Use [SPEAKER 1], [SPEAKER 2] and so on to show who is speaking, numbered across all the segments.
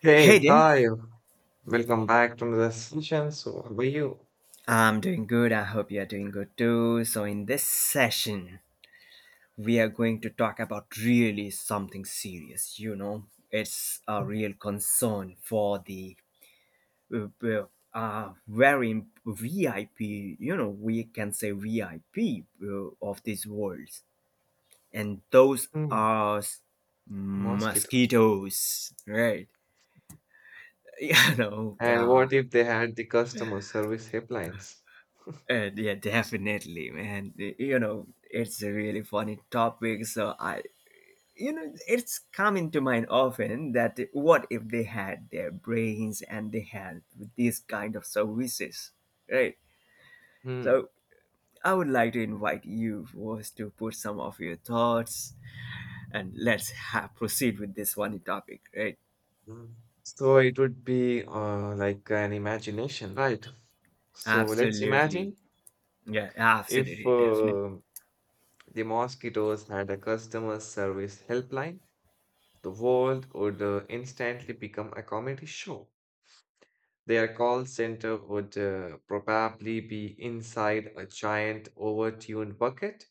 [SPEAKER 1] Hey,
[SPEAKER 2] Hey there,
[SPEAKER 1] hi, welcome back to another session. So, how are you?
[SPEAKER 2] I'm doing good. I hope you're doing good too. So, in this session, we are going to talk about really something serious. You know, it's a real concern for the uh, uh, very VIP, you know, we can say VIP of these worlds. And those
[SPEAKER 1] Hmm,
[SPEAKER 2] are
[SPEAKER 1] mosquitoes.
[SPEAKER 2] mosquitoes, right? You know,
[SPEAKER 1] And
[SPEAKER 2] uh,
[SPEAKER 1] what if they had the customer service helplines?
[SPEAKER 2] Yeah, definitely, man. It's a really funny topic. So it's coming to mind often that what if they had their brains and they had these kind of services, right?
[SPEAKER 1] Hmm.
[SPEAKER 2] So I would like to invite you first to put some of your thoughts and let's ha proceed with this funny topic, right?
[SPEAKER 1] Hmm. So, it would be like an imagination, right? So, let's
[SPEAKER 2] Absolutely.
[SPEAKER 1] imagine
[SPEAKER 2] Yeah,
[SPEAKER 1] if
[SPEAKER 2] absolutely, definitely.
[SPEAKER 1] the mosquitoes had a customer service helpline, the world would instantly become a comedy show. Their call center would probably be inside a giant overtuned bucket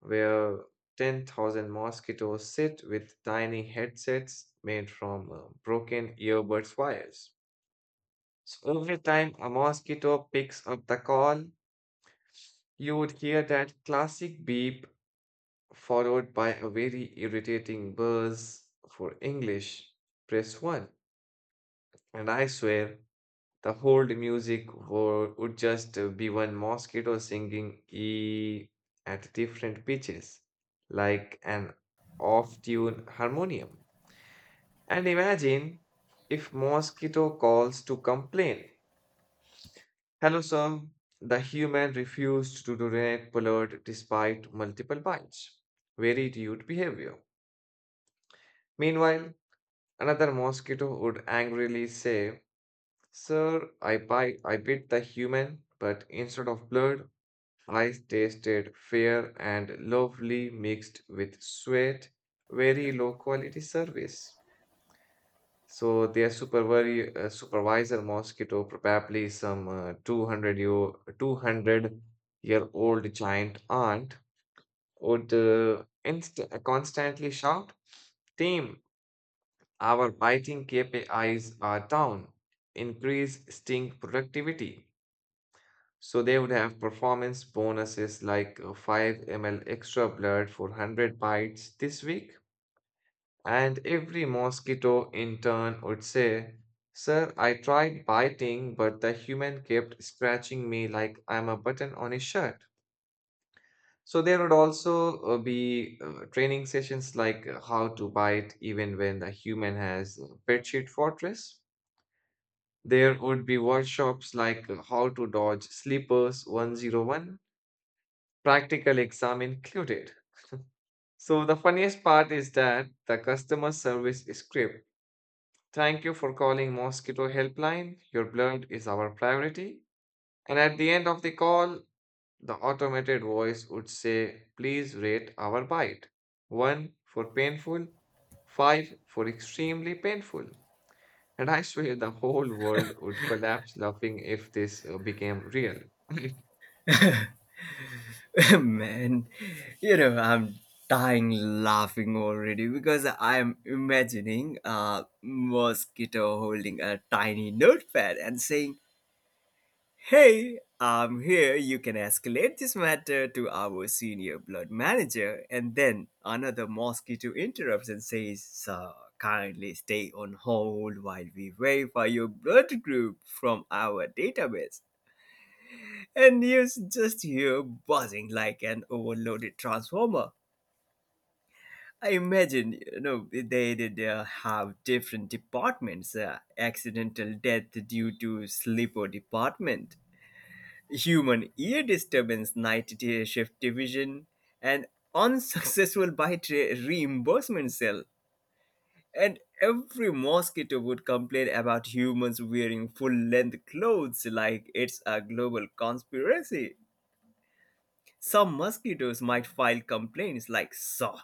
[SPEAKER 1] where 10,000 mosquitoes sit with tiny headsets made from broken earbuds wires. So every time a mosquito picks up the call, you would hear that classic beep followed by a very irritating buzz for English. Press 1. And I swear, the whole music would just be one mosquito singing E at different pitches, like an off tune harmonium. And imagine if mosquito calls to complain. Hello, sir. The human refused to donate Pollard despite multiple bites. Very rude behavior. Meanwhile, another mosquito would angrily say, Sir, I bit the human, but instead of blood, I tasted fair and lovely mixed with sweat, very low quality service. So their supervisor mosquito probably some 200-year-old giant aunt would constantly shout, "Team, our biting KPIs are down. Increase sting productivity." So they would have performance bonuses like 5 ml extra blood for 100 bites this week. And every mosquito in turn would say, Sir, I tried biting, but the human kept scratching me like I'm a button on a shirt. So there would also be training sessions like how to bite even when the human has pet sheet fortress. There would be workshops like how to dodge sleepers 101, practical exam included. So the funniest part is that the customer service script. Thank you for calling Mosquito Helpline. Your blood is our priority. And at the end of the call, the automated voice would say, Please rate our bite. One for painful, five for extremely painful. And I swear the whole world would collapse laughing if this became real.
[SPEAKER 2] Man, you know, I'm dying laughing already because I'm imagining a mosquito holding a tiny notepad and saying, "Hey, I'm here. You can escalate this matter to our senior blood manager." And then another mosquito interrupts and says, "Sir, kindly stay on hold while we verify your blood group from our database," and you just hear buzzing like an overloaded transformer. I imagine, you know, they did have different departments: accidental death due to sleeper department, human ear disturbance night day shift division, and unsuccessful bite reimbursement cell. And every mosquito would complain about humans wearing full-length clothes like it's a global conspiracy. Some mosquitoes might file complaints like saw.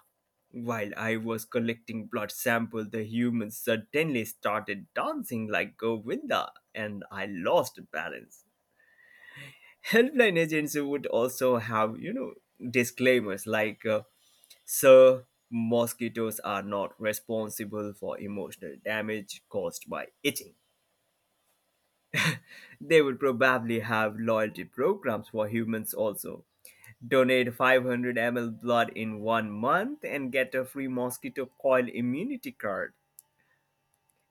[SPEAKER 2] While I was collecting blood sample, the humans suddenly started dancing like Govinda, and I lost balance. Helpline agents would also have, you know, disclaimers like, "Sir, mosquitoes are not responsible for emotional damage caused by itching." They would probably have loyalty programs for humans also. Donate 500 ml blood in one month and get a free mosquito coil immunity card.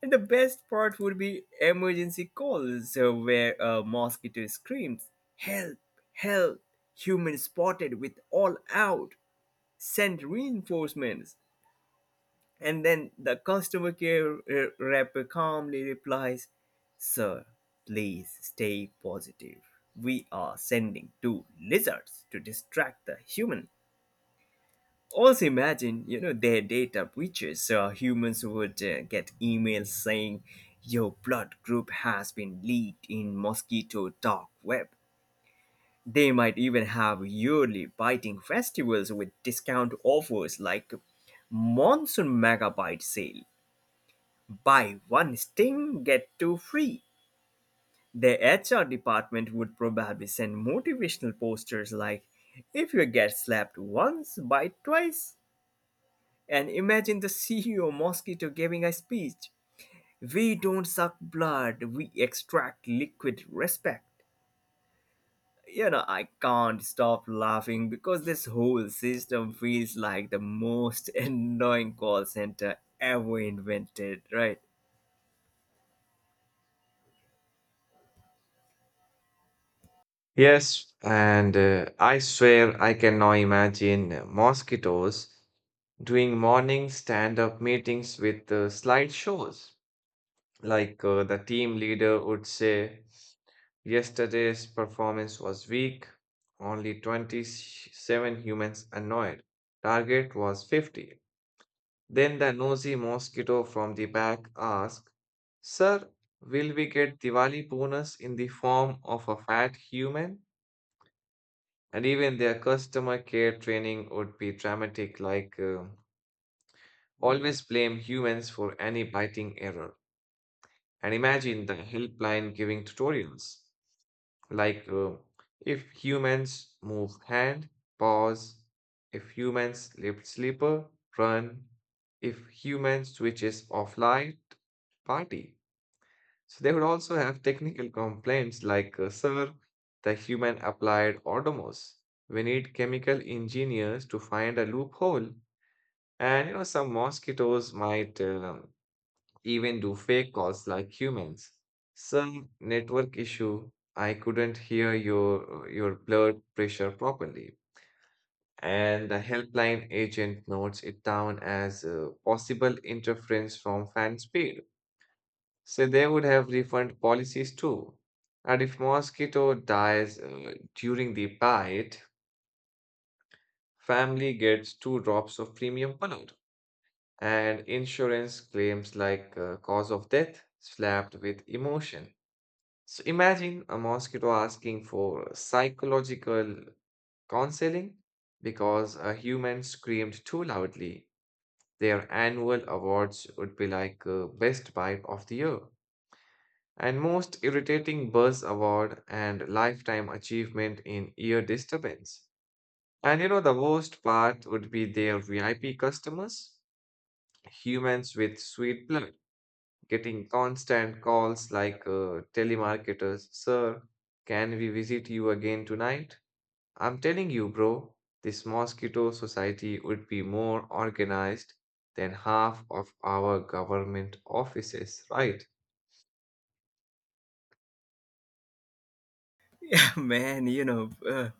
[SPEAKER 2] And the best part would be emergency calls where a mosquito screams, "Help! Help! Human spotted with all out! Send reinforcements!" And then the customer care rep calmly replies, "Sir, please stay positive. We are sending two lizards to distract the human." Also, imagine, their data breaches. So humans would get emails saying your blood group has been leaked in mosquito dark web. They might even have yearly biting festivals with discount offers like monsoon megabyte sale. Buy one sting, get two free. The HR department would probably send motivational posters like, "If you get slapped once, bite twice." And imagine the CEO mosquito giving a speech. "We don't suck blood, we extract liquid respect." You know, I can't stop laughing because this whole system feels like the most annoying call center ever invented, right?
[SPEAKER 1] Yes, and I swear I can now imagine mosquitoes doing morning stand up meetings with slideshows. Like the team leader would say, Yesterday's performance was weak, only 27 humans annoyed. Target was 50." Then the nosy mosquito from the back asked, Sir, will we get Diwali bonus in the form of a fat human? And even their customer care training would be dramatic, like always blame humans for any biting error. And imagine the helpline giving tutorials, like if humans move hand, pause. If humans lift sleeper, run. If humans switches off light, party. So they would also have technical complaints like, Sir, the human applied autonomous. We need chemical engineers to find a loophole. And you know, some mosquitoes might even do fake calls like humans. Some network issue. I couldn't hear your blood pressure properly. And the helpline agent notes it down as possible interference from fan speed. So they would have refund policies too. And if mosquito dies during the bite, family gets two drops of premium blood. And insurance claims like cause of death slapped with emotion. So imagine a mosquito asking for psychological counseling because a human screamed too loudly. Their annual awards would be like best bite of the year, and most irritating Buzz Award and Lifetime Achievement in Ear Disturbance. And you know, the worst part would be their VIP customers, humans with sweet blood, getting constant calls like telemarketers, Sir, can we visit you again tonight? I'm telling you, bro, this mosquito society would be more organized than half of our government offices, right?
[SPEAKER 2] Yeah, man, you know,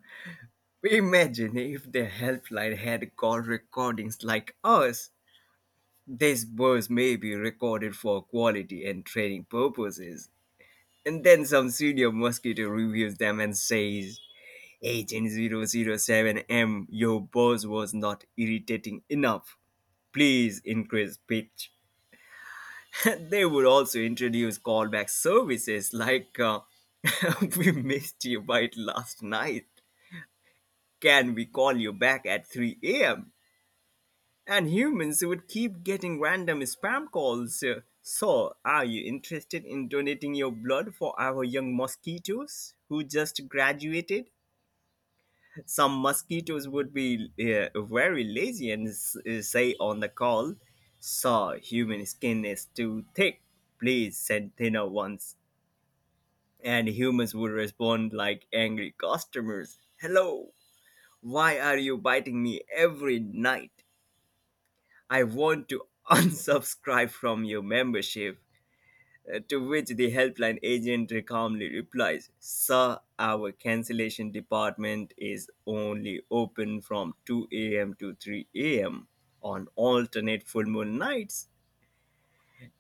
[SPEAKER 2] imagine if the helpline had call recordings like us. This was maybe recorded for quality and training purposes. And then some senior mosquito reviews them and says, "H N 007 m, your boss was not irritating enough. Please increase pitch." They would also introduce callback services like, "We missed you bite last night. Can we call you back at 3 a.m.?" And humans would keep getting random spam calls. "So, are you interested in donating your blood for our young mosquitoes who just graduated?" Some mosquitoes would be very lazy and say on the call, "Sir, human skin is too thick. Please send thinner ones." And humans would respond like angry customers, "Hello, why are you biting me every night? I want to unsubscribe from your membership." To which the helpline agent calmly replies, "Sir, our cancellation department is only open from 2 a.m. to 3 a.m. on alternate full moon nights."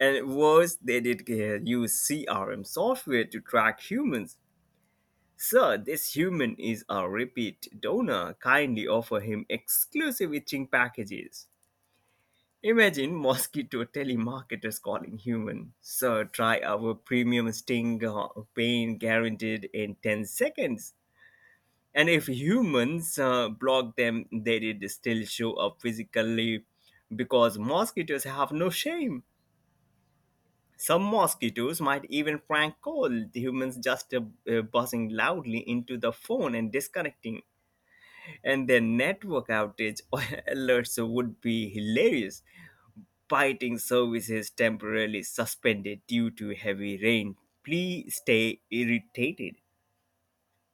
[SPEAKER 2] And worse, they did use CRM software to track humans. "Sir, this human is a repeat donor. Kindly offer him exclusive itching packages." Imagine mosquito telemarketers calling human. "Sir, try our premium sting, pain guaranteed in 10 seconds." And if humans block them, they did still show up physically because mosquitoes have no shame. Some mosquitoes might even prank call the humans just buzzing loudly into the phone and disconnecting. And their network outage alerts would be hilarious. Biting services temporarily suspended due to heavy rain. Please stay irritated.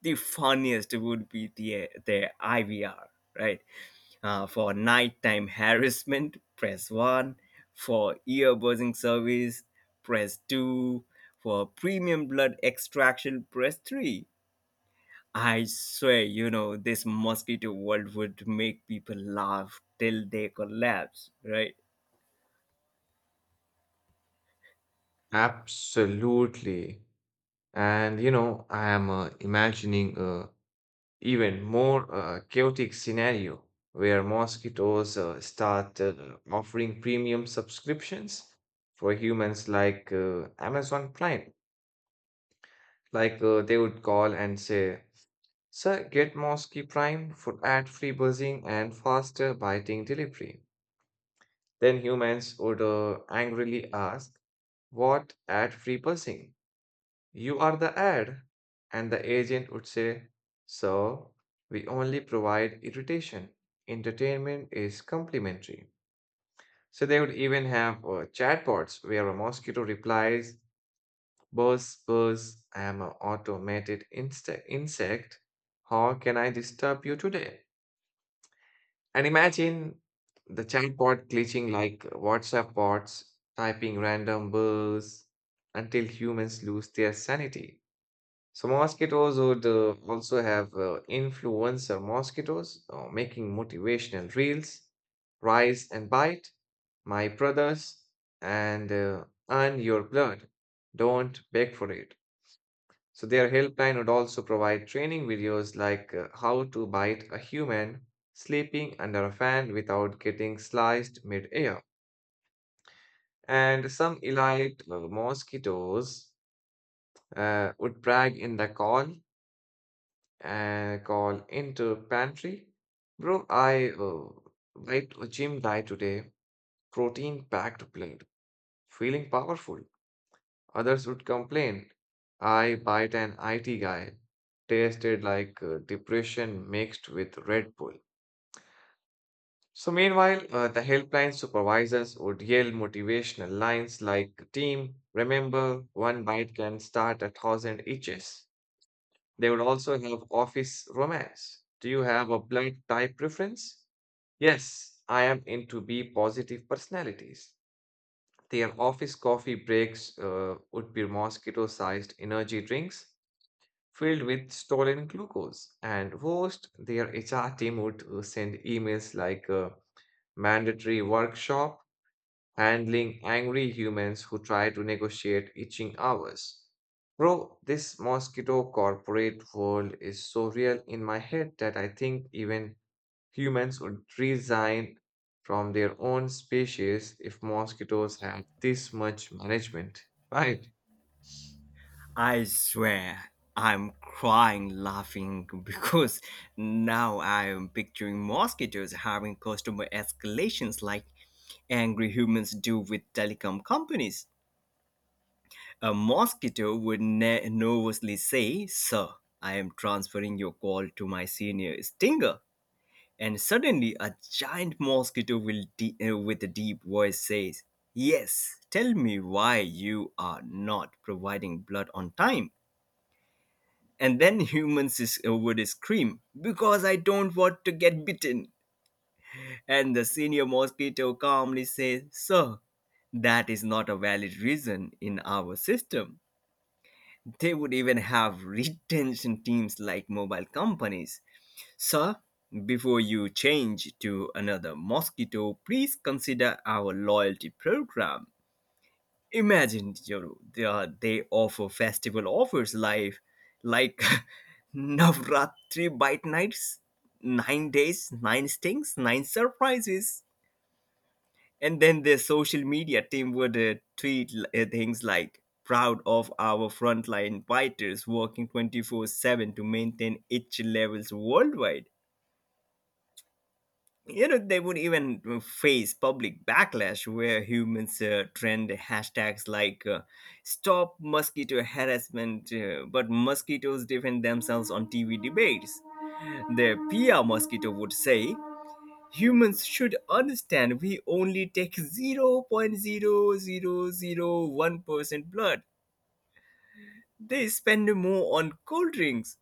[SPEAKER 2] The funniest would be the IVR, right? For nighttime harassment, press 1. For ear buzzing service, press 2. For premium blood extraction, press 3. I swear, you know, this mosquito world would make people laugh till they collapse, right?
[SPEAKER 1] Absolutely. And you know, I am imagining a even more chaotic scenario where mosquitoes start offering premium subscriptions for humans like Amazon Prime. Like they would call and say, "Sir, get Mosquito Prime for ad-free buzzing and faster biting delivery." Then humans would angrily ask, "What ad-free buzzing? You are the ad." And the agent would say, Sir, we only provide irritation. Entertainment is complimentary. So they would even have chatbots where a mosquito replies, Buzz, buzz, I am an automated insect. How can I disturb you today? And imagine the chatbot glitching like WhatsApp bots, typing random buzz until humans lose their sanity. So mosquitoes would also have influencer mosquitoes making motivational reels, rise and bite, my brothers, and earn your blood. Don't beg for it. So their helpline would also provide training videos like how to bite a human sleeping under a fan without getting sliced mid-air. And some elite mosquitoes would brag in the call into pantry. Bro, I went to gym diet today, protein packed plate, feeling powerful. Others would complain. I bite an IT guy, tasted like depression mixed with Red Bull. So meanwhile, the helpline supervisors would yell motivational lines like, "Team, remember, one bite can start a thousand itches." They would also have office romance. Do you have a blood type preference? Yes, I am into B positive personalities. Their office coffee breaks would be mosquito sized energy drinks filled with stolen glucose. And worst, their HR team would send emails like mandatory workshop handling angry humans who try to negotiate itching hours. Bro, this mosquito corporate world is so real in my head that I think even humans would resign from their own species if mosquitoes had this much management, right?
[SPEAKER 2] I swear I'm crying laughing because now I'm picturing mosquitoes having customer escalations like angry humans do with telecom companies. A mosquito would nervously say, "Sir, I am transferring your call to my senior stinger." And suddenly, a giant mosquito will with a deep voice says, "Yes, tell me why you are not providing blood on time." And then humans would scream because "I don't want to get bitten." And the senior mosquito calmly says, "Sir, that is not a valid reason in our system." They would even have retention teams like mobile companies. "Sir, before you change to another mosquito, please consider our loyalty program." Imagine, you know, they offer festival offers live, like Navratri bite nights, 9 days, nine stings, nine surprises. And then their social media team would tweet things like, "Proud of our frontline fighters working 24/7 to maintain itch levels worldwide." You know, they would even face public backlash where humans trend hashtags like "stop mosquito harassment," but mosquitoes defend themselves on TV debates. The PR mosquito would say, "Humans should understand we only take 0.0001% blood. They spend more on cold drinks."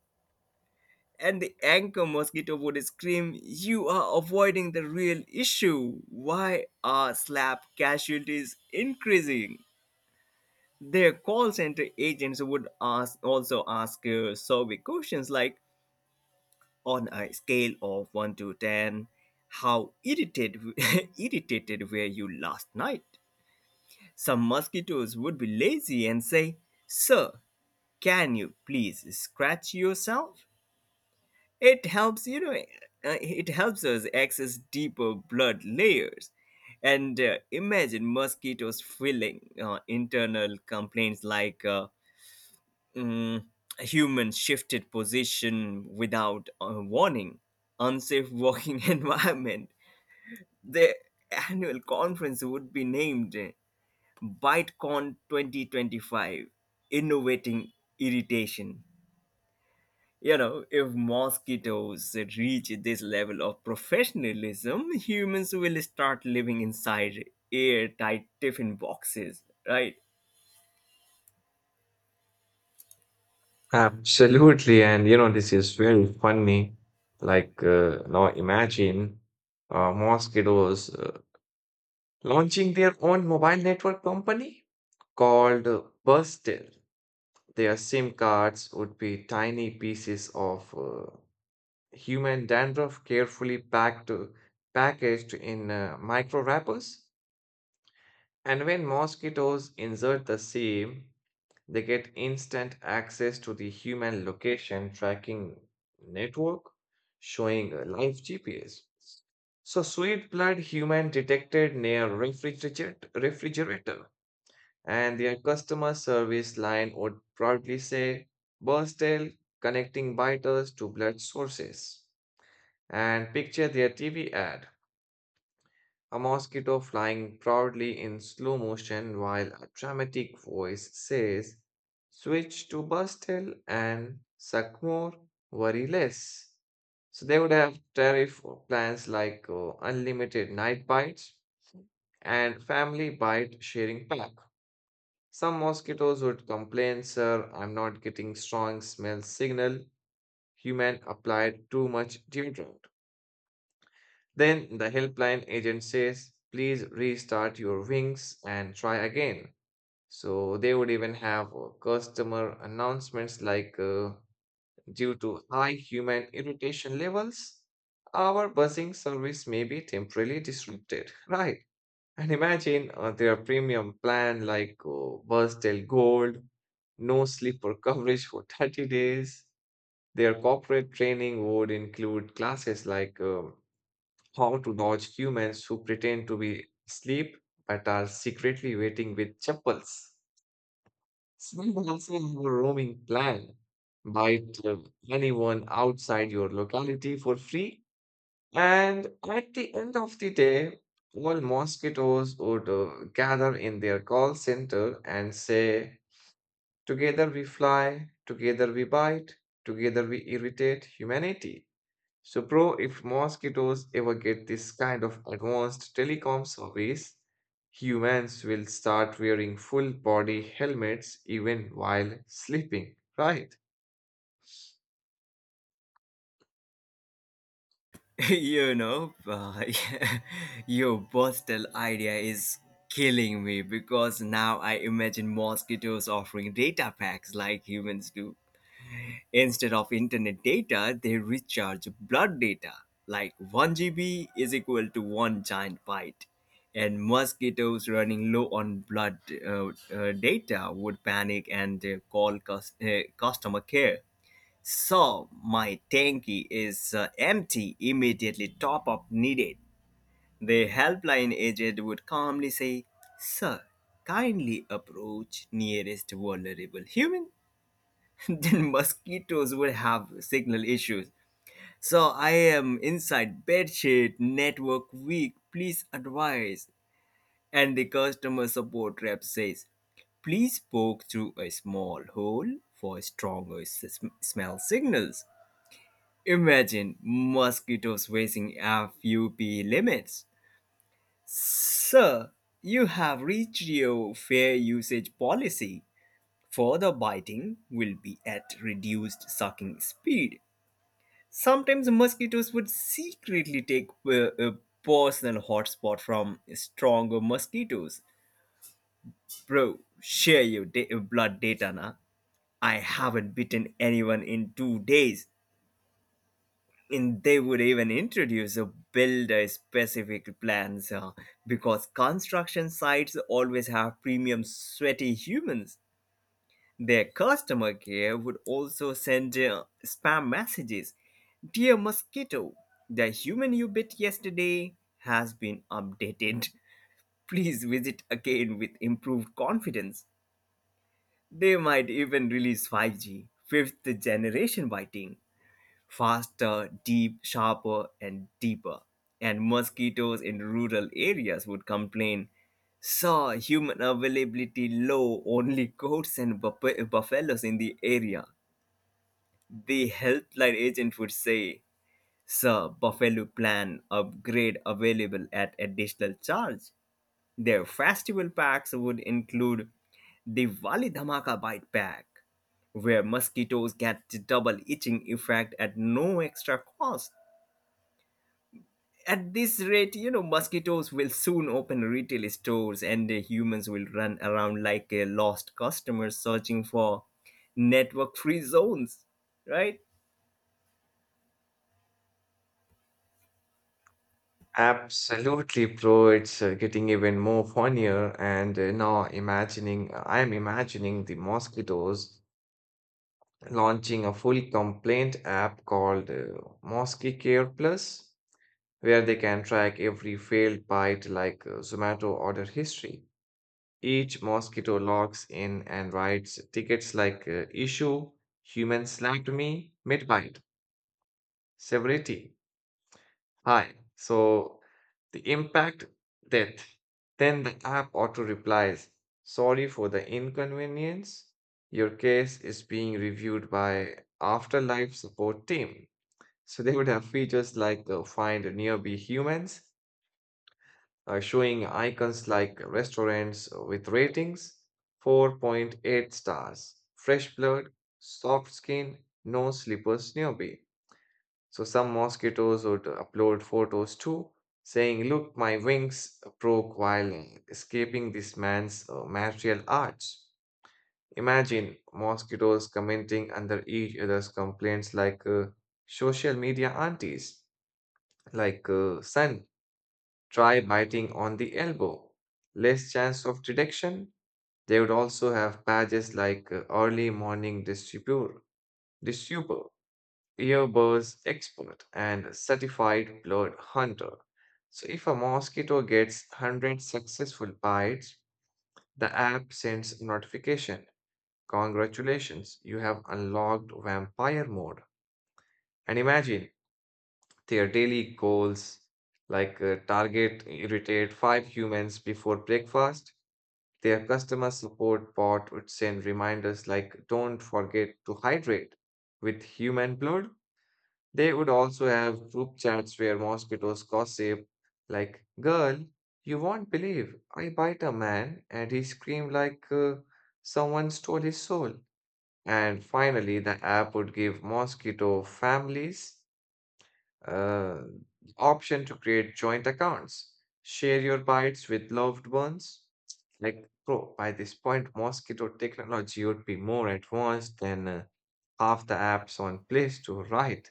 [SPEAKER 2] And the anchor mosquito would scream, "You are avoiding the real issue. Why are slap casualties increasing?" Their call center agents would ask, also ask, survey questions like, "On a scale of 1 to 10, how irritated, irritated were you last night?" Some mosquitoes would be lazy and say, "Sir, can you please scratch yourself? It helps, you know, it helps us access deeper blood layers." And imagine mosquitoes filling internal complaints like mm, "human shifted position without a warning, unsafe walking environment." The annual conference would be named ByteCon 2025, Innovating Irritation. You know, if mosquitoes reach this level of professionalism, humans will start living inside airtight tiffin boxes, right?
[SPEAKER 1] Absolutely, and you know, this is very funny. Like, now imagine mosquitoes launching their own mobile network company called Bustel. Their SIM cards would be tiny pieces of human dandruff carefully packaged in micro wrappers. And when mosquitoes insert the same, they get instant access to the human location tracking network showing a live GPS. So, sweet blood human detected near refrigerator, and their customer service line would proudly say Burstel connecting biters to blood sources. And picture their TV ad, a mosquito flying proudly in slow motion while a dramatic voice says, Switch to Burstel and suck more, worry less. So they would have tariff plans like unlimited night bites and family bite sharing pack. Some mosquitoes would complain, sir, I'm not getting strong smell signal. Human applied too much deodorant. Then the helpline agent says, please restart your wings and try again. So they would even have customer announcements like due to high human irritation levels, our buzzing service may be temporarily disrupted. Right. And imagine their premium plan like Buzztel Gold, no sleeper coverage for 30 days. Their corporate training would include classes like how to dodge humans who pretend to be asleep but are secretly waiting with chappals. Some also have a roaming plan. Bite anyone outside your locality for free. And at the end of the day, all mosquitoes would gather in their call center and say, Together we fly, together we bite, together we irritate humanity. So, bro, if mosquitoes ever get this kind of advanced telecom service, humans will start wearing full body helmets even while sleeping, right?
[SPEAKER 2] you know, uh, your Bostel idea is killing me because now I imagine mosquitoes offering data packs like humans do. Instead of internet data, they recharge blood data, like 1 GB is equal to one giant byte. And mosquitoes running low on blood data would panic and call customer care. "So, my tanky is empty, immediately top up needed." The helpline agent would calmly say, "Sir, kindly approach nearest vulnerable human." Then mosquitoes would have signal issues. "So I am inside bedsheet, network weak, please advise." And the customer support rep says, "Please poke through a small hole for stronger smell signals." Imagine mosquitoes facing FUP limits. "Sir, you have reached your fair usage policy. Further biting will be at reduced sucking speed." Sometimes mosquitoes would secretly take a personal hotspot from stronger mosquitoes. "Bro, share your blood data now. I haven't bitten anyone in 2 days." And they would even introduce a builder specific plans because construction sites always have premium sweaty humans. Their customer care would also send spam messages. "Dear mosquito, the human you bit yesterday has been updated. Please visit again with improved confidence." They might even release 5G, fifth generation biting, faster, deep, sharper, and deeper. And mosquitoes in rural areas would complain, "saw human availability low, only goats and buffaloes in the area." The helpline agent would say, "Sir, Buffalo plan upgrade available at additional charge." Their festival packs would include Diwali Dhamaka Bite Pack, where mosquitoes get the double itching effect at no extra cost. At this rate, you know, mosquitoes will soon open retail stores and the humans will run around like a lost customers searching for network free zones, right?
[SPEAKER 1] Absolutely, bro. It's getting even more funnier, and now imagining I'm imagining the mosquitoes launching a full complaint app called Mosquito Care Plus, where they can track every failed bite like Zomato order history. Each mosquito logs in and writes tickets like issue, human slapped me, mid bite, severity, high. So the impact, death. Then the app auto replies, sorry for the inconvenience. Your case is being reviewed by afterlife support team. So they would have features like find nearby humans showing icons like restaurants with ratings 4.8 stars, fresh blood, soft skin, no slippers nearby. So some mosquitoes would upload photos too, saying, Look, my wings broke while escaping this man's martial arts. Imagine mosquitoes commenting under each other's complaints like social media aunties, like son. Try biting on the elbow. Less chance of detection. They would also have badges like early morning distributor, earbuds expert, and certified blood hunter. So if a mosquito gets 100 successful bites, the app sends notification. Congratulations, you have unlocked vampire mode. And imagine their daily goals like target irritate five humans before breakfast. Their customer support bot would send reminders like, don't forget to hydrate. With human blood, they would also have group chats where mosquitoes gossip, like, girl, you won't believe I bite a man and he screamed like someone stole his soul. And finally, the app would give mosquito families uh, option to create joint accounts, share your bites with loved ones. Like, bro, by this point, mosquito technology would be more advanced than half the apps on Play Store, right?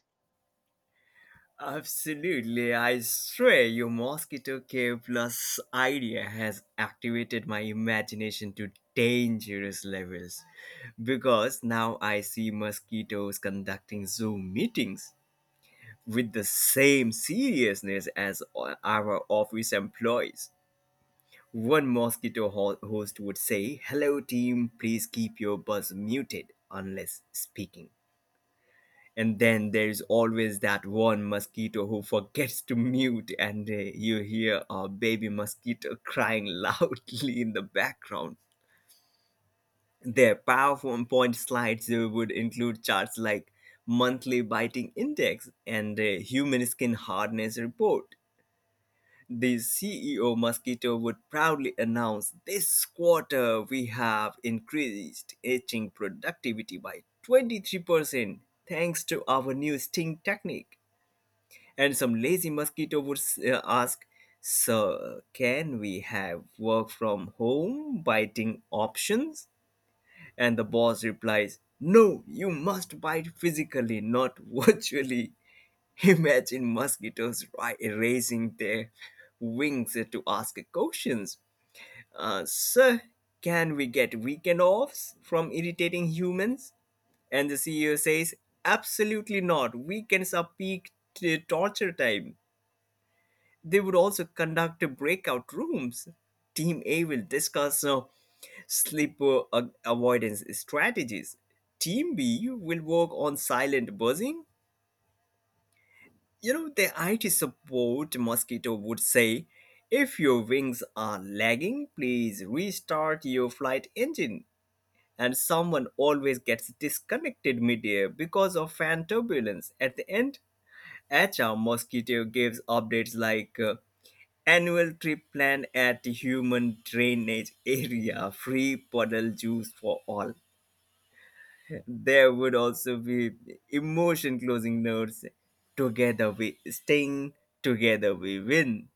[SPEAKER 2] Absolutely, I swear your mosquito K plus idea has activated my imagination to dangerous levels because now I see mosquitoes conducting Zoom meetings with the same seriousness as our office employees. One mosquito host would say, "Hello, team, please keep your buzz muted unless speaking." And then there's always that one mosquito who forgets to mute, and you hear a baby mosquito crying loudly in the background. Their PowerPoint slides would include charts like monthly biting index and a human skin hardness report. The CEO mosquito would proudly announce, "This quarter we have increased itching productivity by 23%, thanks to our new sting technique." And some lazy mosquito would ask, "So, can we have work from home biting options?" And the boss replies, "No, you must bite physically, not virtually." Imagine mosquitoes raising their wings to ask questions. "Sir, can we get weekend offs from irritating humans?" And the CEO says, "Absolutely not. Weekends are peak torture time." They would also conduct breakout rooms. "Team A will discuss sleeper avoidance strategies. Team B will work on silent buzzing." You know, the IT support mosquito would say, "If your wings are lagging, please restart your flight engine." And someone always gets disconnected midair because of fan turbulence. At the end, HR Mosquito gives updates like, "Annual trip planned at human drainage area, free puddle juice for all." There would also be emotion closing notes. "Together we sting, together we win."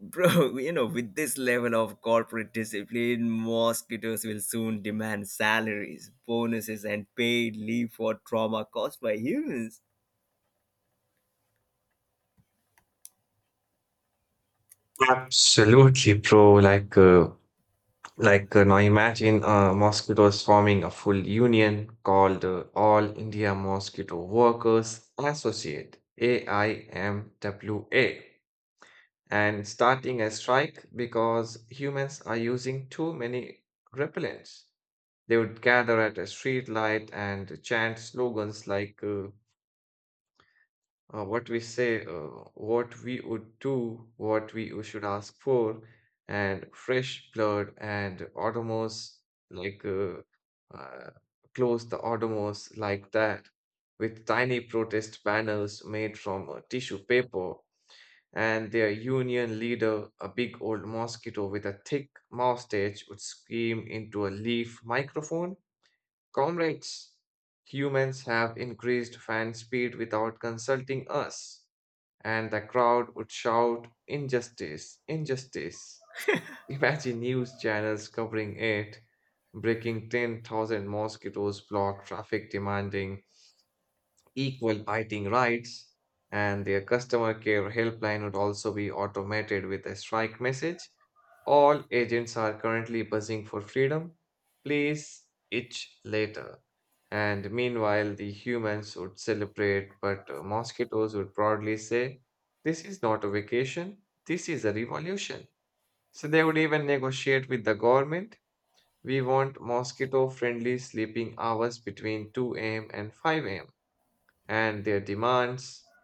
[SPEAKER 2] Bro, you know, with this level of corporate discipline, mosquitoes will soon demand salaries, bonuses, and paid leave for trauma caused by humans.
[SPEAKER 1] Absolutely, bro. Like, now imagine mosquitoes forming a full union called All India Mosquito Workers Associate (AIMWA), and starting a strike because humans are using too many repellents. They would gather at a street light and chant slogans like, what we say, what we would do, what we should ask for, and fresh blood and Autonomous, like, uh, close the Autonomous like that, with tiny protest banners made from tissue paper, and their union leader, a big old mosquito with a thick mustache, would scream into a leaf microphone, Comrades, humans have increased fan speed without consulting us. And the crowd would shout, Injustice, injustice. Imagine news channels covering it, breaking 10,000 mosquitoes block traffic demanding equal fighting rights, and their customer care helpline would also be automated with a strike message. All agents are currently buzzing for freedom. Please itch later. And meanwhile, the humans would celebrate, but mosquitoes would proudly say, This is not a vacation, this is a revolution. So they would even negotiate with the government. We want mosquito friendly sleeping hours between 2 a.m. and 5 a.m. And their demands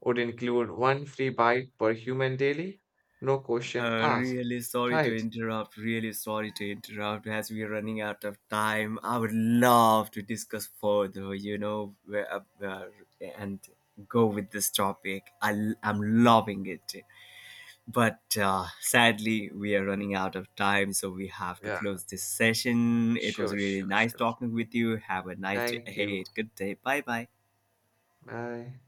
[SPEAKER 1] would include one free bite per human daily, no question asked,
[SPEAKER 2] Really sorry to
[SPEAKER 1] right?
[SPEAKER 2] interrupt. Really sorry to interrupt. As we are running out of time, I would love to discuss further, you know, where, and go with this topic. Am loving it. But sadly, we are running out of time, so we have to
[SPEAKER 1] Yeah,
[SPEAKER 2] close this session. It was
[SPEAKER 1] sure,
[SPEAKER 2] really
[SPEAKER 1] sure,
[SPEAKER 2] nice
[SPEAKER 1] sure.
[SPEAKER 2] talking with you. Have a nice day
[SPEAKER 1] Thank you.
[SPEAKER 2] ahead. Good day. Bye bye.
[SPEAKER 1] Bye.